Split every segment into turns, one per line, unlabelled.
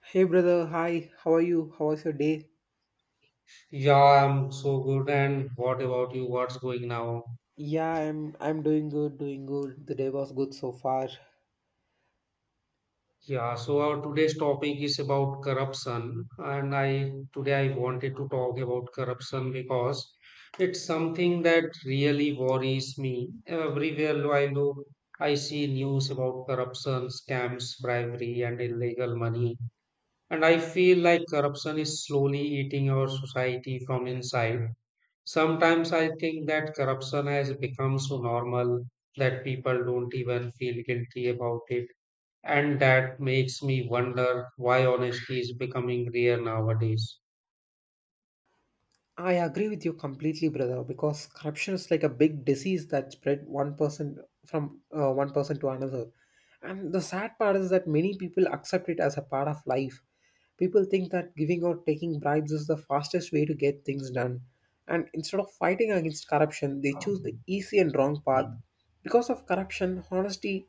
Hey brother, hi. How are you? How was your day?
Yeah, I'm so good. And what about you? What's going now?
Yeah, I'm doing good, doing good. The day was good so far.
Yeah, so our today's topic is about corruption. And I today I wanted to talk about corruption because it's something that really worries me. Everywhere I look, I see news about corruption, scams, bribery, and illegal money. And I feel like corruption is slowly eating our society from inside. Sometimes I think that corruption has become so normal that people don't even feel guilty about it. And that makes me wonder why honesty is becoming rare nowadays.
I agree with you completely, brother, because corruption is like a big disease that spread one person from one person to another. And the sad part is that many people accept it as a part of life. People think that giving or taking bribes is the fastest way to get things done. And instead of fighting against corruption, they choose the easy and wrong path. Because of corruption,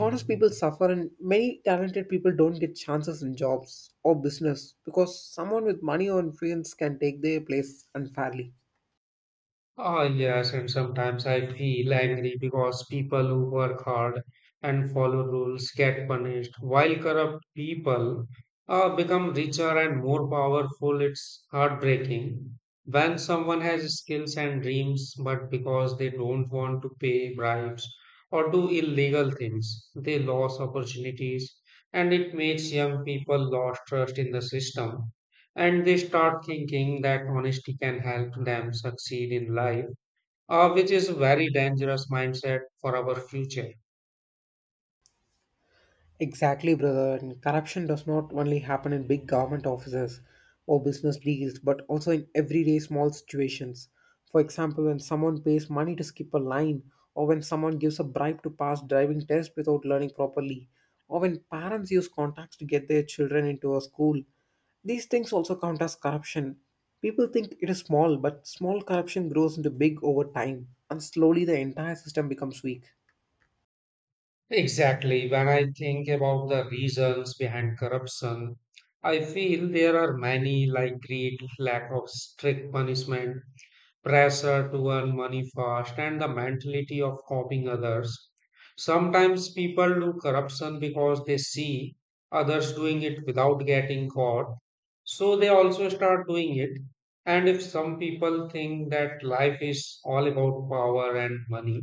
honest people suffer and many talented people don't get chances in jobs or business because someone with money or influence can take their place unfairly.
Oh, yes, and sometimes I feel angry because people who work hard and follow rules get punished, while corrupt people become richer and more powerful. It's heartbreaking when someone has skills and dreams, but because they don't want to pay bribes or do illegal things, they lose opportunities, and it makes young people lose trust in the system. And they start thinking that honesty can help them succeed in life, which is a very dangerous mindset for our future.
Exactly, brother. And corruption does not only happen in big government offices or business deals, but also in everyday small situations. For example, when someone pays money to skip a line, or when someone gives a bribe to pass driving test without learning properly, or when parents use contacts to get their children into a school. These things also count as corruption. People think it is small, but small corruption grows into big over time, and slowly the entire system becomes weak.
Exactly. When I think about the reasons behind corruption, I feel there are many, like greed, lack of strict punishment, pressure to earn money fast, and the mentality of copying others. Sometimes people do corruption because they see others doing it without getting caught, so they also start doing it. And if some people think that life is all about power and money,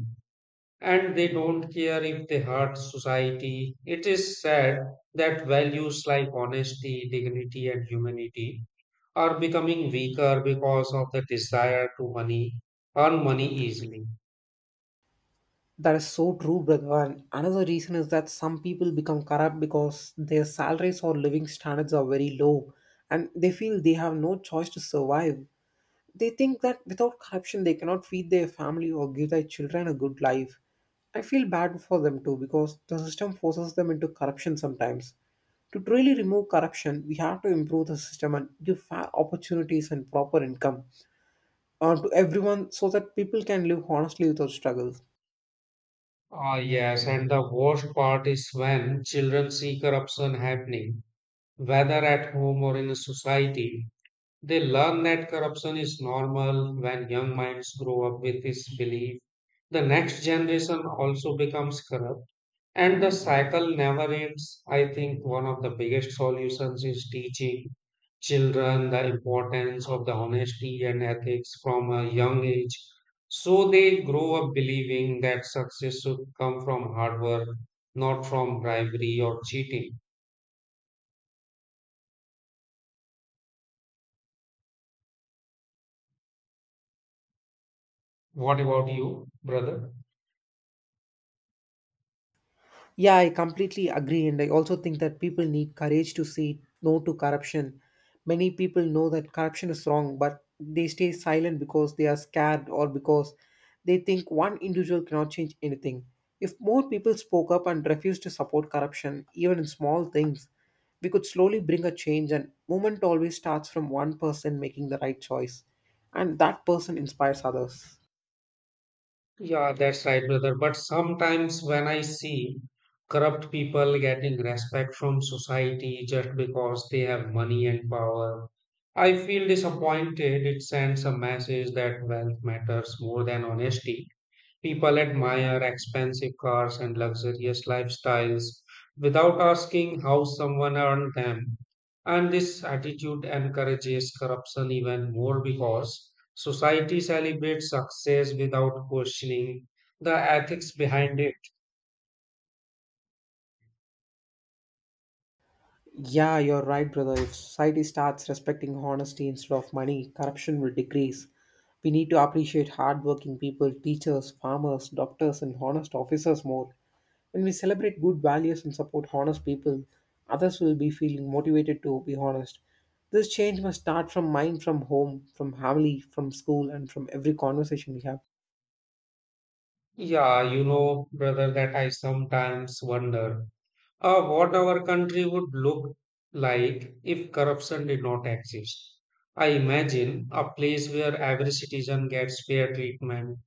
and they don't care if they hurt society, it is sad that values like honesty, dignity, and humanity are becoming weaker because of the desire to money earn money easily.
That is so true, brother. And another reason is that some people become corrupt because their salaries or living standards are very low and they feel they have no choice to survive. They think that without corruption, they cannot feed their family or give their children a good life. I feel bad for them too because the system forces them into corruption sometimes. To truly remove corruption, we have to improve the system and give fair opportunities and proper income to everyone so that people can live honestly without struggles.
Ah, yes, and the worst part is when children see corruption happening, whether at home or in a society. They learn that corruption is normal when young minds grow up with this belief. The next generation also becomes corrupt. And the cycle never ends. I think one of the biggest solutions is teaching children the importance of the honesty and ethics from a young age, so they grow up believing that success should come from hard work, not from bribery or cheating. What about you, brother?
Yeah, I completely agree. And I also think that people need courage to say no to corruption. Many people know that corruption is wrong, but they stay silent because they are scared or because they think one individual cannot change anything. If more people spoke up and refused to support corruption, even in small things, we could slowly bring a change. And movement always starts from one person making the right choice, and that person inspires others.
Yeah, that's right, brother. But sometimes when I see corrupt people getting respect from society just because they have money and power, I feel disappointed. It sends a message that wealth matters more than honesty. People admire expensive cars and luxurious lifestyles without asking how someone earned them. And this attitude encourages corruption even more because society celebrates success without questioning the ethics behind it.
Yeah, you're right, brother. If society starts respecting honesty instead of money, corruption will decrease. We need to appreciate hardworking people, teachers, farmers, doctors, and honest officers more. When we celebrate good values and support honest people, others will be feeling motivated to be honest. This change must start from mind, from home, from family, from school, and from every conversation we have.
Yeah, you know, brother, that I sometimes wonder what our country would look like if corruption did not exist. I imagine a place where every citizen gets fair treatment,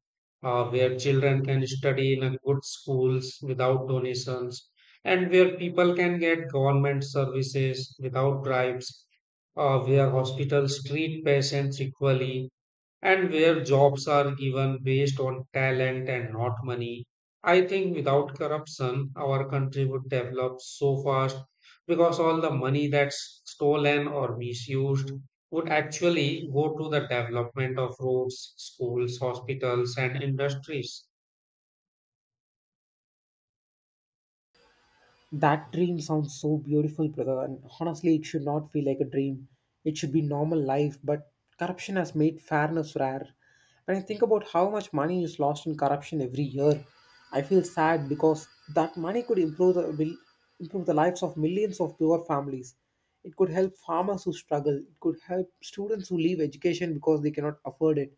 where children can study in a good schools without donations, and where people can get government services without bribes, where hospitals treat patients equally, and where jobs are given based on talent and not money. I think without corruption, our country would develop so fast because all the money that's stolen or misused would actually go to the development of roads, schools, hospitals, and industries.
That dream sounds so beautiful, brother. And honestly, it should not feel like a dream. It should be normal life, but corruption has made fairness rare. When I think about how much money is lost in corruption every year, I feel sad because that money could improve the lives of millions of poor families. It could help farmers who struggle. It could help students who leave education because they cannot afford it.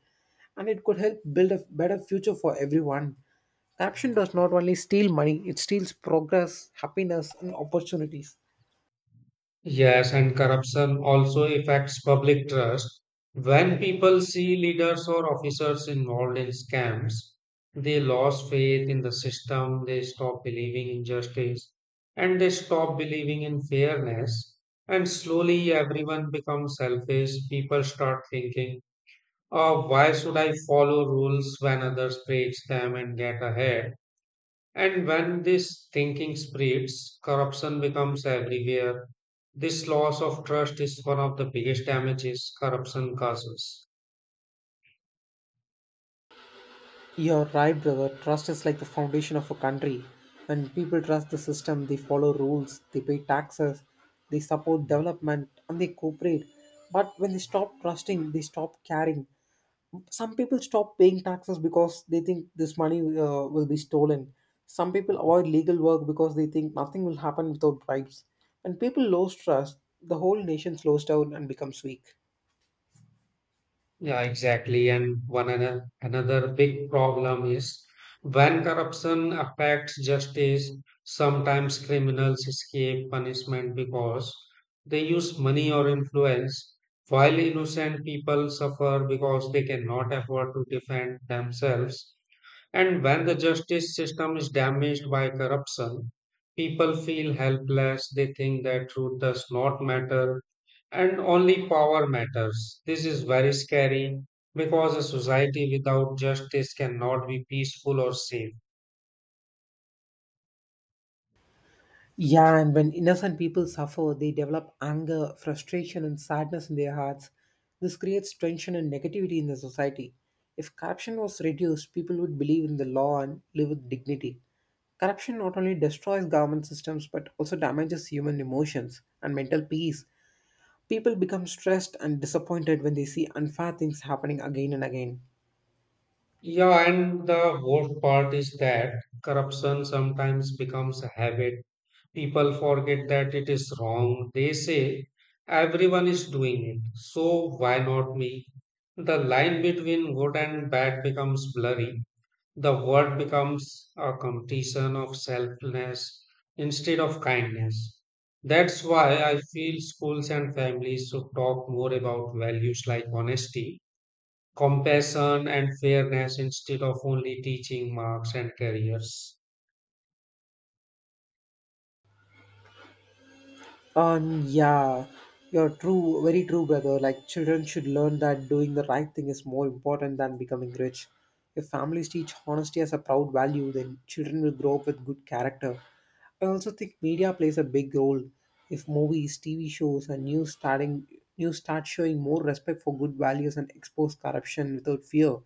And it could help build a better future for everyone. Corruption does not only steal money, it steals progress, happiness, and opportunities.
Yes, and corruption also affects public trust. When people see leaders or officers involved in scams, they lose faith in the system, they stop believing in justice, and they stop believing in fairness. And slowly everyone becomes selfish. People start thinking, oh, why should I follow rules when others break them and get ahead? And when this thinking spreads, corruption becomes everywhere. This loss of trust is one of the biggest damages corruption causes.
You're right, brother. Trust is like the foundation of a country. When people trust the system, they follow rules, they pay taxes, they support development, and they cooperate. But when they stop trusting, they stop caring. Some people stop paying taxes because they think this money will be stolen. Some people avoid legal work because they think nothing will happen without bribes. When people lose trust, the whole nation slows down and becomes weak.
Yeah, exactly. And another big problem is when corruption affects justice. Sometimes criminals escape punishment because they use money or influence, while innocent people suffer because they cannot afford to defend themselves. And when the justice system is damaged by corruption, people feel helpless. They think that truth does not matter and only power matters. This is very scary because a society without justice cannot be peaceful or safe.
Yeah, and when innocent people suffer, they develop anger, frustration, and sadness in their hearts. This creates tension and negativity in the society. If corruption was reduced, people would believe in the law and live with dignity. Corruption not only destroys government systems but also damages human emotions and mental peace. People become stressed and disappointed when they see unfair things happening again and again.
Yeah, and the worst part is that corruption sometimes becomes a habit. People forget that it is wrong. They say everyone is doing it, so why not me? The line between good and bad becomes blurry. The word becomes a competition of selflessness instead of kindness. That's why I feel schools and families should talk more about values like honesty, compassion, and fairness instead of only teaching marks and careers.
Yeah, you're true, very true, brother. Like, children should learn that doing the right thing is more important than becoming rich. If families teach honesty as a proud value, then children will grow up with good character. I also think media plays a big role. If movies, TV shows, and news start showing more respect for good values and expose corruption without fear,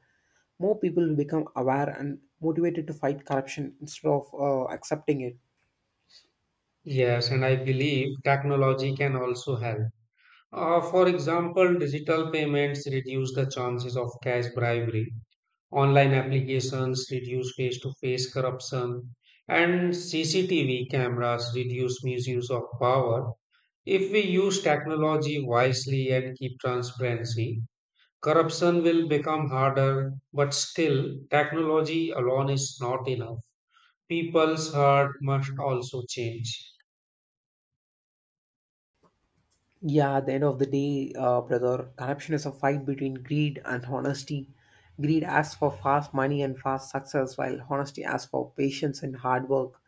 more people will become aware and motivated to fight corruption instead of accepting it.
Yes, and I believe technology can also help. For example, digital payments reduce the chances of cash bribery, online applications reduce face to face corruption, and CCTV cameras reduce misuse of power. If we use technology wisely and keep transparency, corruption will become harder, but still, technology alone is not enough. People's heart must also change.
Yeah, at the end of the day, brother, corruption is a fight between greed and honesty. Greed asks for fast money and fast success, while honesty asks for patience and hard work.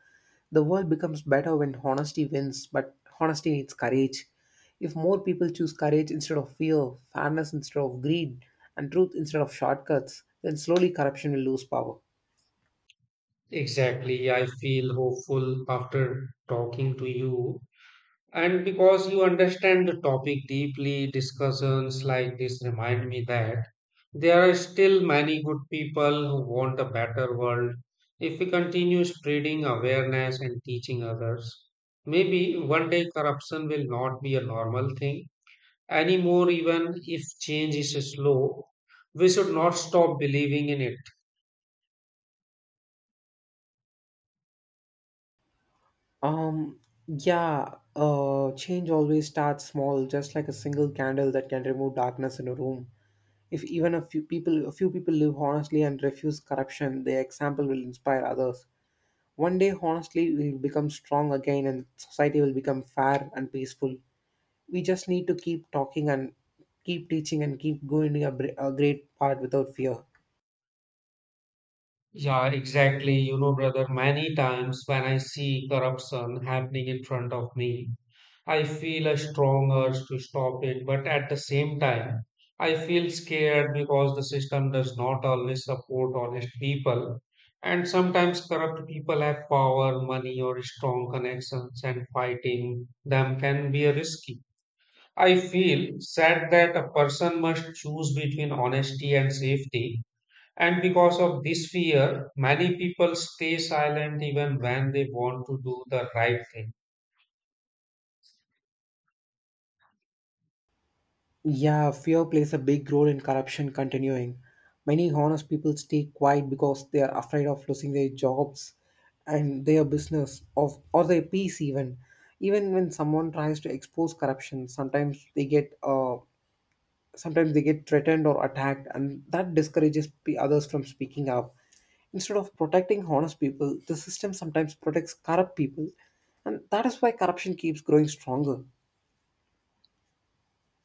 The world becomes better when honesty wins, but honesty needs courage. If more people choose courage instead of fear, fairness instead of greed, and truth instead of shortcuts, then slowly corruption will lose power.
Exactly, I feel hopeful after talking to you. And because you understand the topic deeply, discussions like this remind me that there are still many good people who want a better world. If we continue spreading awareness and teaching others, maybe one day corruption will not be a normal thing anymore, even if change is slow. We should not stop believing in it.
Um, yeah, change always starts small, just like a single candle that can remove darkness in a room. If even a few people live honestly and refuse corruption, their example will inspire others. One day honestly will become strong again and society will become fair and peaceful. We just need to keep talking and keep teaching and keep going to a great part without fear.
Yeah, exactly. You know, brother, many times when I see corruption happening in front of me, I feel a strong urge to stop it, but at the same time, I feel scared because the system does not always support honest people. And sometimes corrupt people have power, money, or strong connections, and fighting them can be risky. I feel sad that a person must choose between honesty and safety. And because of this fear, many people stay silent even when they want to do the right thing.
Yeah, fear plays a big role in corruption continuing. Many honest people stay quiet because they are afraid of losing their jobs and their business of or their peace even. Even when someone tries to expose corruption, sometimes they get threatened or attacked, and that discourages others from speaking up. Instead of protecting honest people, the system sometimes protects corrupt people, and that is why corruption keeps growing stronger.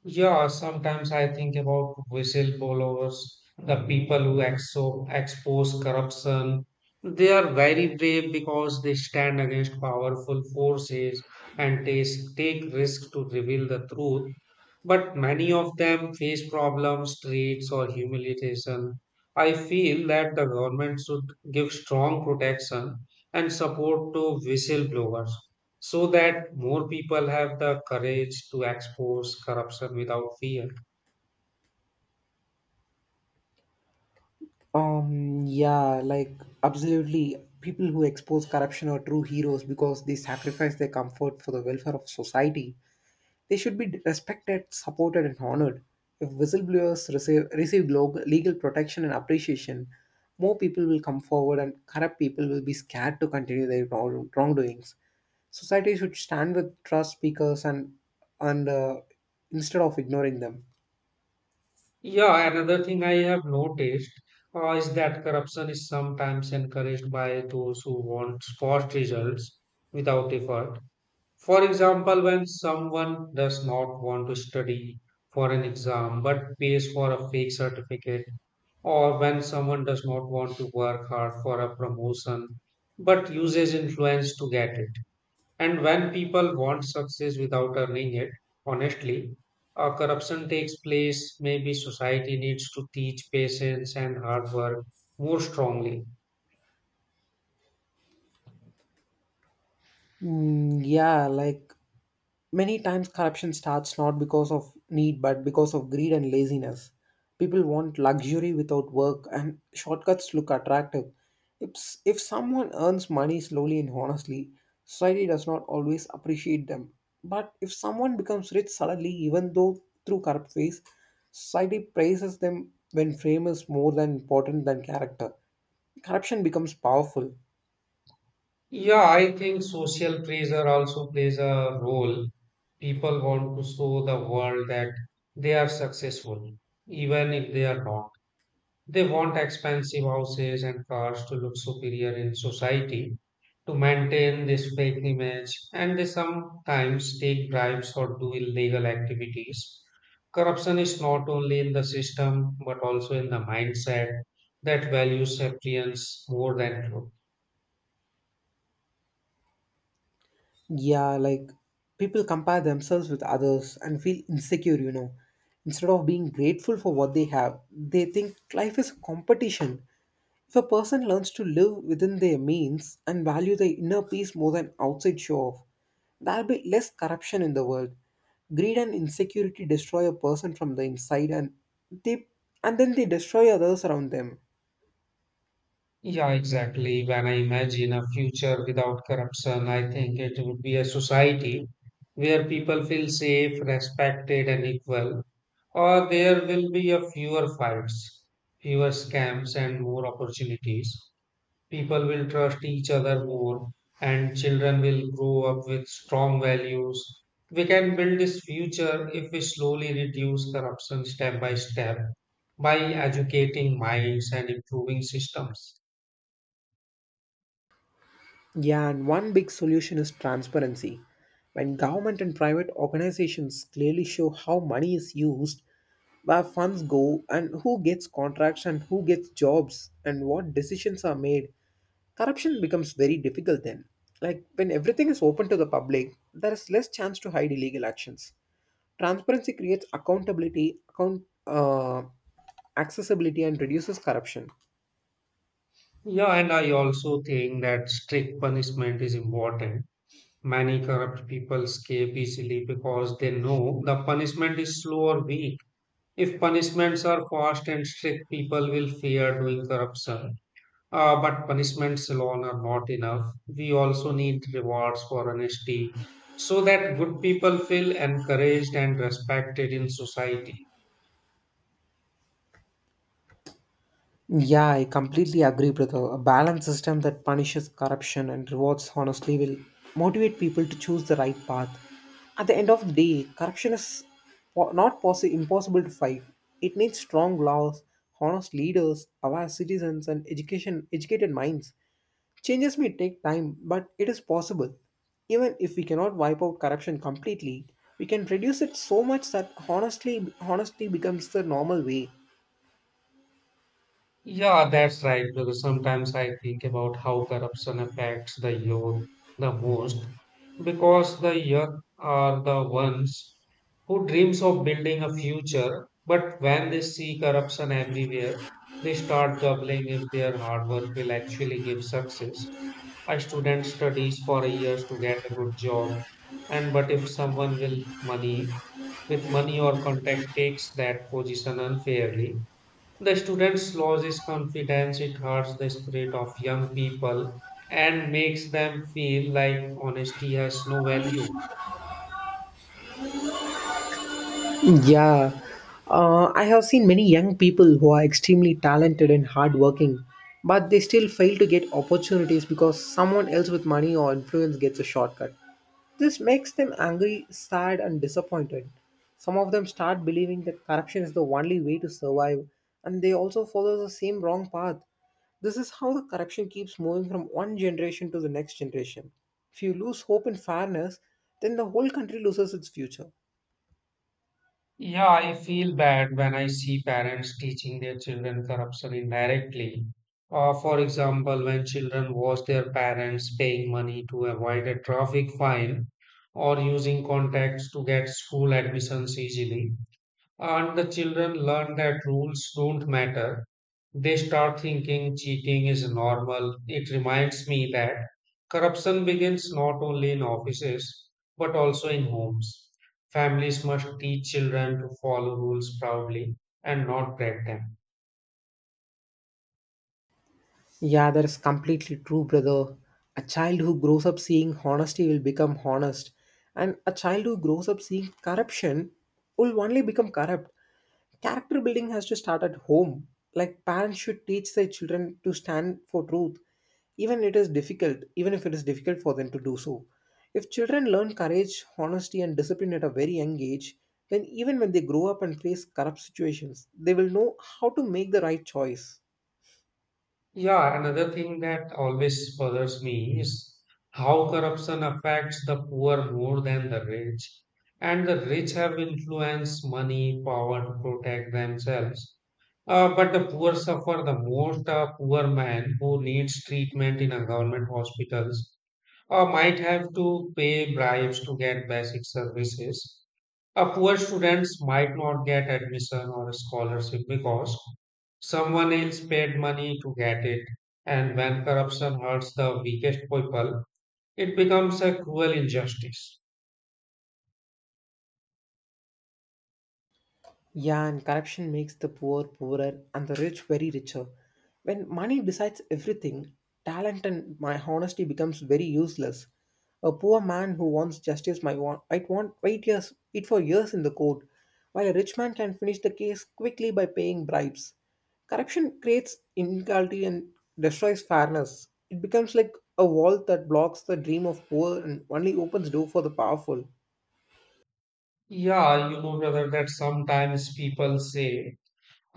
Yeah, sometimes I think about whistleblowers, the people who expose corruption. They are very brave because they stand against powerful forces and they take risks to reveal the truth. But many of them face problems, threats, or humiliation. I feel that the government should give strong protection and support to whistleblowers so that more people have the courage to expose corruption without fear.
Um, yeah, like absolutely. People who expose corruption are true heroes because they sacrifice their comfort for the welfare of society. They should be respected, supported, and honored. If whistleblowers receive legal protection and appreciation, more people will come forward and corrupt people will be scared to continue their wrongdoings. Society should stand with trust speakers and instead of ignoring them.
Yeah, another thing I have noticed is that corruption is sometimes encouraged by those who want fast results without effort. For example, when someone does not want to study for an exam but pays for a fake certificate, or when someone does not want to work hard for a promotion but uses influence to get it. And when people want success without earning it, honestly, corruption takes place. Maybe society needs to teach patience and hard work more strongly.
Mm, yeah, like many times corruption starts not because of need but because of greed and laziness. People want luxury without work and shortcuts look attractive. If someone earns money slowly and honestly, society does not always appreciate them. But if someone becomes rich suddenly, even though through corrupt ways, society praises them when fame is more than important than character. Corruption becomes powerful.
Yeah, I think social pressure also plays a role. People want to show the world that they are successful, even if they are not. They want expensive houses and cars to look superior in society to maintain this fake image, and they sometimes take bribes or do illegal activities. Corruption is not only in the system but also in the mindset that values appearance more than truth.
Yeah, like people compare themselves with others and feel insecure, you know. Instead of being grateful for what they have, they think life is a competition. If a person learns to live within their means and value their inner peace more than outside show off, there'll be less corruption in the world. Greed and insecurity destroy a person from the inside and they and then they destroy others around them.
Yeah, exactly. When I imagine a future without corruption, I think it would be a society where people feel safe, respected, and equal. Or there will be a fewer fights, fewer scams, and more opportunities. People will trust each other more, and children will grow up with strong values. We can build this future if we slowly reduce corruption step by step by educating minds and improving systems.
Yeah, and one big solution is transparency. When government and private organizations clearly show how money is used, where funds go, and who gets contracts and who gets jobs, and what decisions are made, corruption becomes very difficult then. Like when everything is open to the public, there is less chance to hide illegal actions. Transparency creates accountability, account accessibility, and reduces corruption.
Yeah, and I also think that strict punishment is important. Many corrupt people escape easily because they know the punishment is slow or weak. If punishments are fast and strict, people will fear doing corruption. But punishments alone are not enough. We also need rewards for honesty so that good people feel encouraged and respected in society.
Yeah, I completely agree, brother. A balanced system that punishes corruption and rewards honestly will motivate people to choose the right path. At the end of the day, corruption is po- not possi- impossible to fight. It needs strong laws, honest leaders, aware citizens, educated minds. Changes may take time, but it is possible. Even if we cannot wipe out corruption completely, we can reduce it so much that honesty becomes the normal way.
Yeah, that's right. Because sometimes I think about how corruption affects the youth the most, because the young are the ones who dreams of building a future, but when they see corruption everywhere, they start doubling if their hard work will actually give success. A student studies for years to get a good job, and but if someone will money with money or contact takes that position unfairly, the students loses confidence. It hurts the spirit of young people and makes them feel like honesty has no value.
Yeah, I have seen many young people who are extremely talented and hardworking, but they still fail to get opportunities because someone else with money or influence gets a shortcut. This makes them angry, sad, and disappointed. Some of them start believing that corruption is the only way to survive, and they also follow the same wrong path. This is how the corruption keeps moving from one generation to the next generation. If you lose hope in fairness, then the whole country loses its future.
Yeah, I feel bad when I see parents teaching their children corruption indirectly. For example, when children watch their parents paying money to avoid a traffic fine or using contacts to get school admissions easily, and the children learn that rules don't matter. They start thinking cheating is normal. It reminds me that corruption begins not only in offices but also in homes. Families must teach children to follow rules proudly and not break them.
Yeah, that is completely true, brother. A child who grows up seeing honesty will become honest, and a child who grows up seeing corruption will only become corrupt. Character building has to start at home. Like parents should teach their children to stand for truth, even if it is difficult for them to do so. If children learn courage, honesty, and discipline at a very young age, then even when they grow up and face corrupt situations, they will know how to make the right choice.
Yeah, another thing that always bothers me is how corruption affects the poor more than the rich. And the rich have influence, money, power to protect themselves. But the poor suffer the most. A poor man who needs treatment in a government hospitals might have to pay bribes to get basic services. A poor students might not get admission or a scholarship because someone else paid money to get it. And when corruption hurts the weakest people, it becomes a cruel injustice.
Yeah, and corruption makes the poor poorer and the rich very richer. When money decides everything, talent and my honesty becomes very useless. A poor man who wants justice might want wait years, wait for years in the court, while a rich man can finish the case quickly by paying bribes. Corruption creates inequality and destroys fairness. It becomes like a wall that blocks the dream of poor and only opens door for the powerful.
Yeah, brother, that sometimes people say,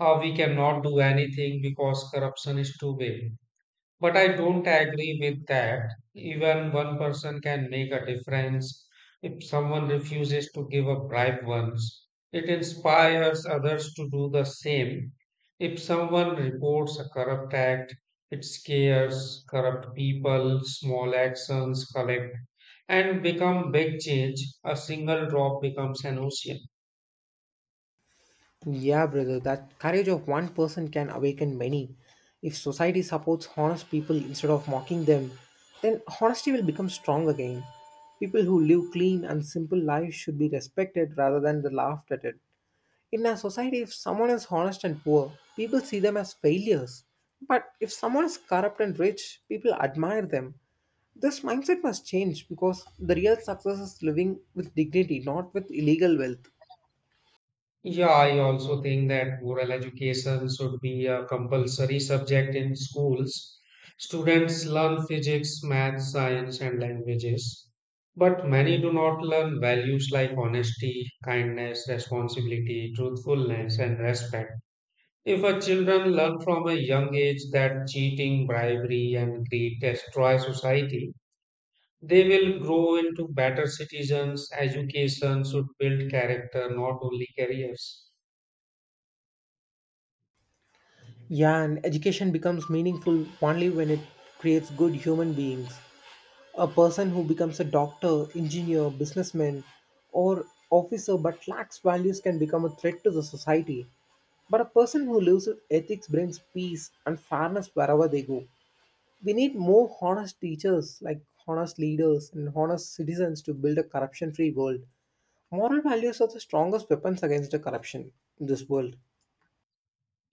oh, we cannot do anything because corruption is too big. But I don't agree with that. Even one person can make a difference. If someone refuses to give a bribe once, it inspires others to do the same. If someone reports a corrupt act, it scares corrupt people. Small actions collect and become big change. A single drop becomes an ocean.
Yeah, brother, that courage of one person can awaken many. If society supports honest people instead of mocking them, then honesty will become strong again. People who live clean and simple lives should be respected rather than the laughed at it. In our society, if someone is honest and poor, people see them as failures. But if someone is corrupt and rich, people admire them. This mindset must change because the real success is living with dignity, not with illegal wealth.
Yeah, I also think that moral education should be a compulsory subject in schools. Students learn physics, math, science, and languages, but many do not learn values like honesty, kindness, responsibility, truthfulness, and respect. If our children learn from a young age that cheating, bribery, and greed destroy society, they will grow into better citizens. Education should build character, not only careers.
Yeah, and education becomes meaningful only when it creates good human beings. A person who becomes a doctor, engineer, businessman, or officer but lacks values can become a threat to the society. But a person who lives with ethics brings peace and fairness wherever they go. We need more honest teachers, like honest leaders and honest citizens to build a corruption free world. Moral values are the strongest weapons against the corruption in this world.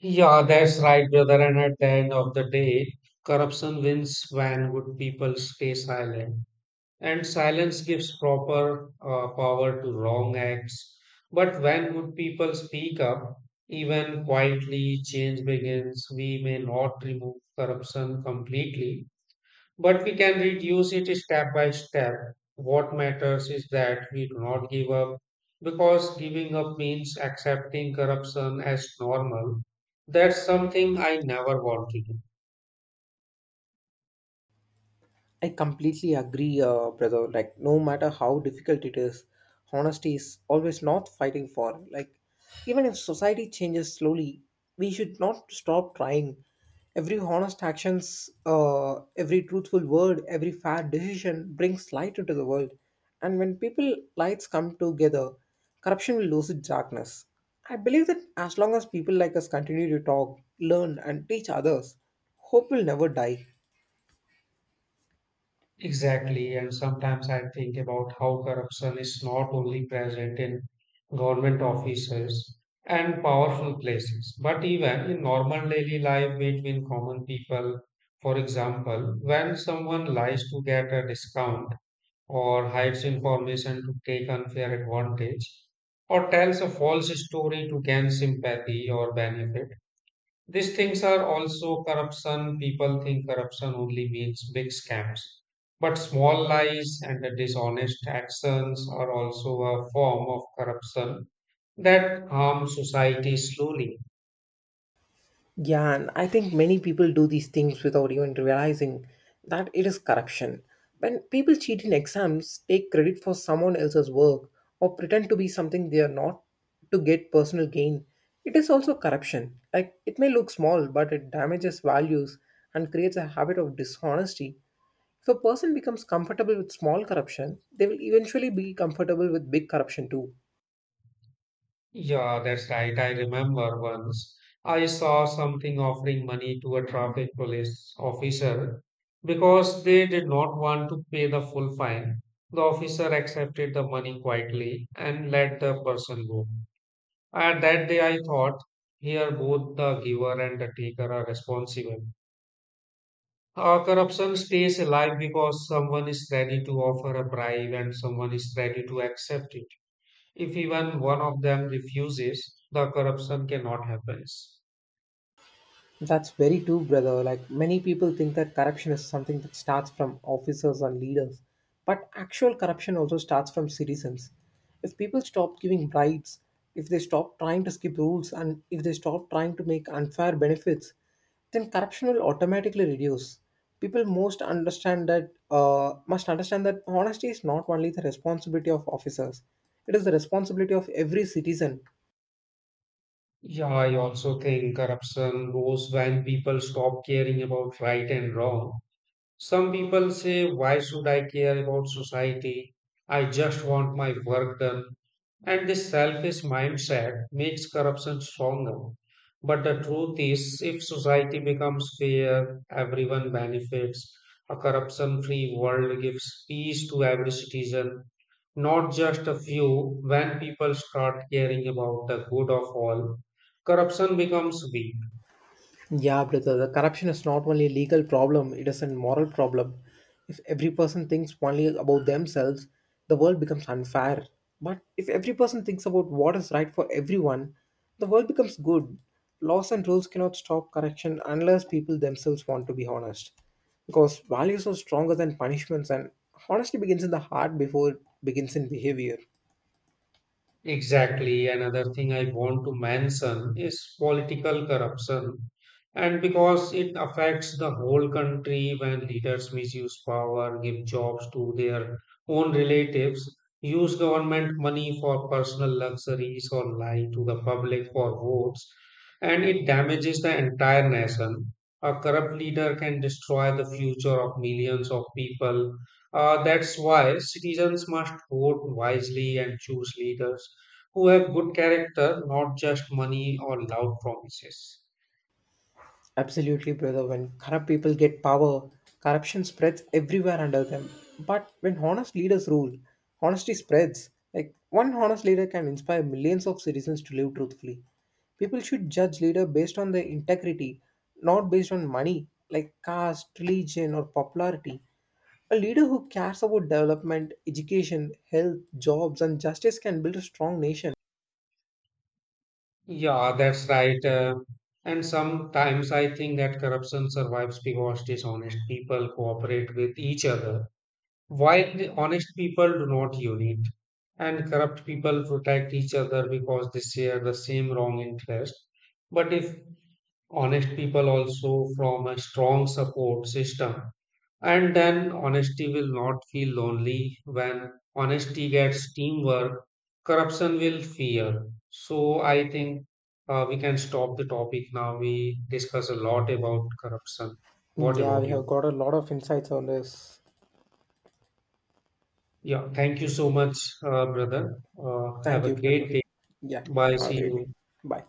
Yeah, that's right, brother. And at the end of the day, corruption wins when good people stay silent. And silence gives proper power to wrong acts. But when good people speak up, even quietly, change begins. We may not remove corruption completely, but we can reduce it step by step. What matters is that we do not give up, because giving up means accepting corruption as normal. That's something I never want to do.
I completely agree, brother. Like, no matter how difficult it is, honesty is always not fighting for. Like, even if society changes slowly, we should not stop trying. Every honest actions, every truthful word, every fair decision brings light into the world. And when people lights come together, corruption will lose its darkness. I believe that as long as people like us continue to talk, learn, and teach others, hope will never die.
Exactly, and sometimes I think about how corruption is not only present in government offices and powerful places, but even in normal daily life between common people. For example, when someone lies to get a discount, or hides information to take unfair advantage, or tells a false story to gain sympathy or benefit. These things are also corruption. People think corruption only means big scams. But small lies and the dishonest actions are also a form of corruption that harm society slowly.
Yeah, and I think many people do these things without even realizing that it is corruption. When people cheat in exams, take credit for someone else's work, or pretend to be something they are not to get personal gain, it is also corruption. Like, it may look small, but it damages values and creates a habit of dishonesty. If a person becomes comfortable with small corruption, they will eventually be comfortable with big corruption too.
Yeah, that's right. I remember once I saw something offering money to a traffic police officer because they did not want to pay the full fine. The officer accepted the money quietly and let the person go. At that day, I thought here both the giver and the taker are responsible. Corruption stays alive because someone is ready to offer a bribe and someone is ready to accept it. If even one of them refuses, the corruption cannot happen.
That's very true, brother. Like many people think that corruption is something that starts from officers and leaders, but actual corruption also starts from citizens. If people stop giving bribes, if they stop trying to skip rules, and if they stop trying to make unfair benefits, then corruption will automatically reduce. People most understand that must understand that honesty is not only the responsibility of officers; it is the responsibility of every citizen.
Yeah, I also think corruption grows when people stop caring about right and wrong. Some people say, why should I care about society? I just want my work done. And this selfish mindset makes corruption stronger. But the truth is, if society becomes fair, everyone benefits. A corruption free world gives peace to every citizen, not just a few. When people start caring about the good of all, corruption becomes weak.
Yeah, brother, the corruption is not only a legal problem, it is a moral problem. If every person thinks only about themselves, the world becomes unfair. But if every person thinks about what is right for everyone, the world becomes good. Laws and rules cannot stop corruption unless people themselves want to be honest. Because values are stronger than punishments, and honesty begins in the heart before it begins in behavior.
Exactly. Another thing I want to mention is political corruption. And because it affects the whole country when leaders misuse power, give jobs to their own relatives, use government money for personal luxuries, or lie to the public for votes, and it damages the entire nation. A corrupt leader can destroy the future of millions of people. That's why citizens must vote wisely and choose leaders who have good character, not just money or loud promises.
Absolutely, brother. When corrupt people get power, corruption spreads everywhere under them. But when honest leaders rule, honesty spreads. Like one honest leader can inspire millions of citizens to live truthfully. People should judge leader based on their integrity, not based on money, like caste, religion, or popularity. A leader who cares about development, education, health, jobs, and justice can build a strong nation.
Yeah, that's right. And sometimes I think that corruption survives because dishonest people cooperate with each other, while the honest people do not unite. And corrupt people protect each other because they share the same wrong interest. But if honest people also form a strong support system, and then honesty will not feel lonely. When honesty gets teamwork, corruption will fear. So I think we can stop the topic now. We discuss a lot about corruption. What
Yeah,
about
we have
you?
got a lot of insights on this.
Yeah, thank you so much, brother. Have
Thank
a
you, brother.
great day.
Yeah,
Bye.
have a
See
great day.
you.
Bye.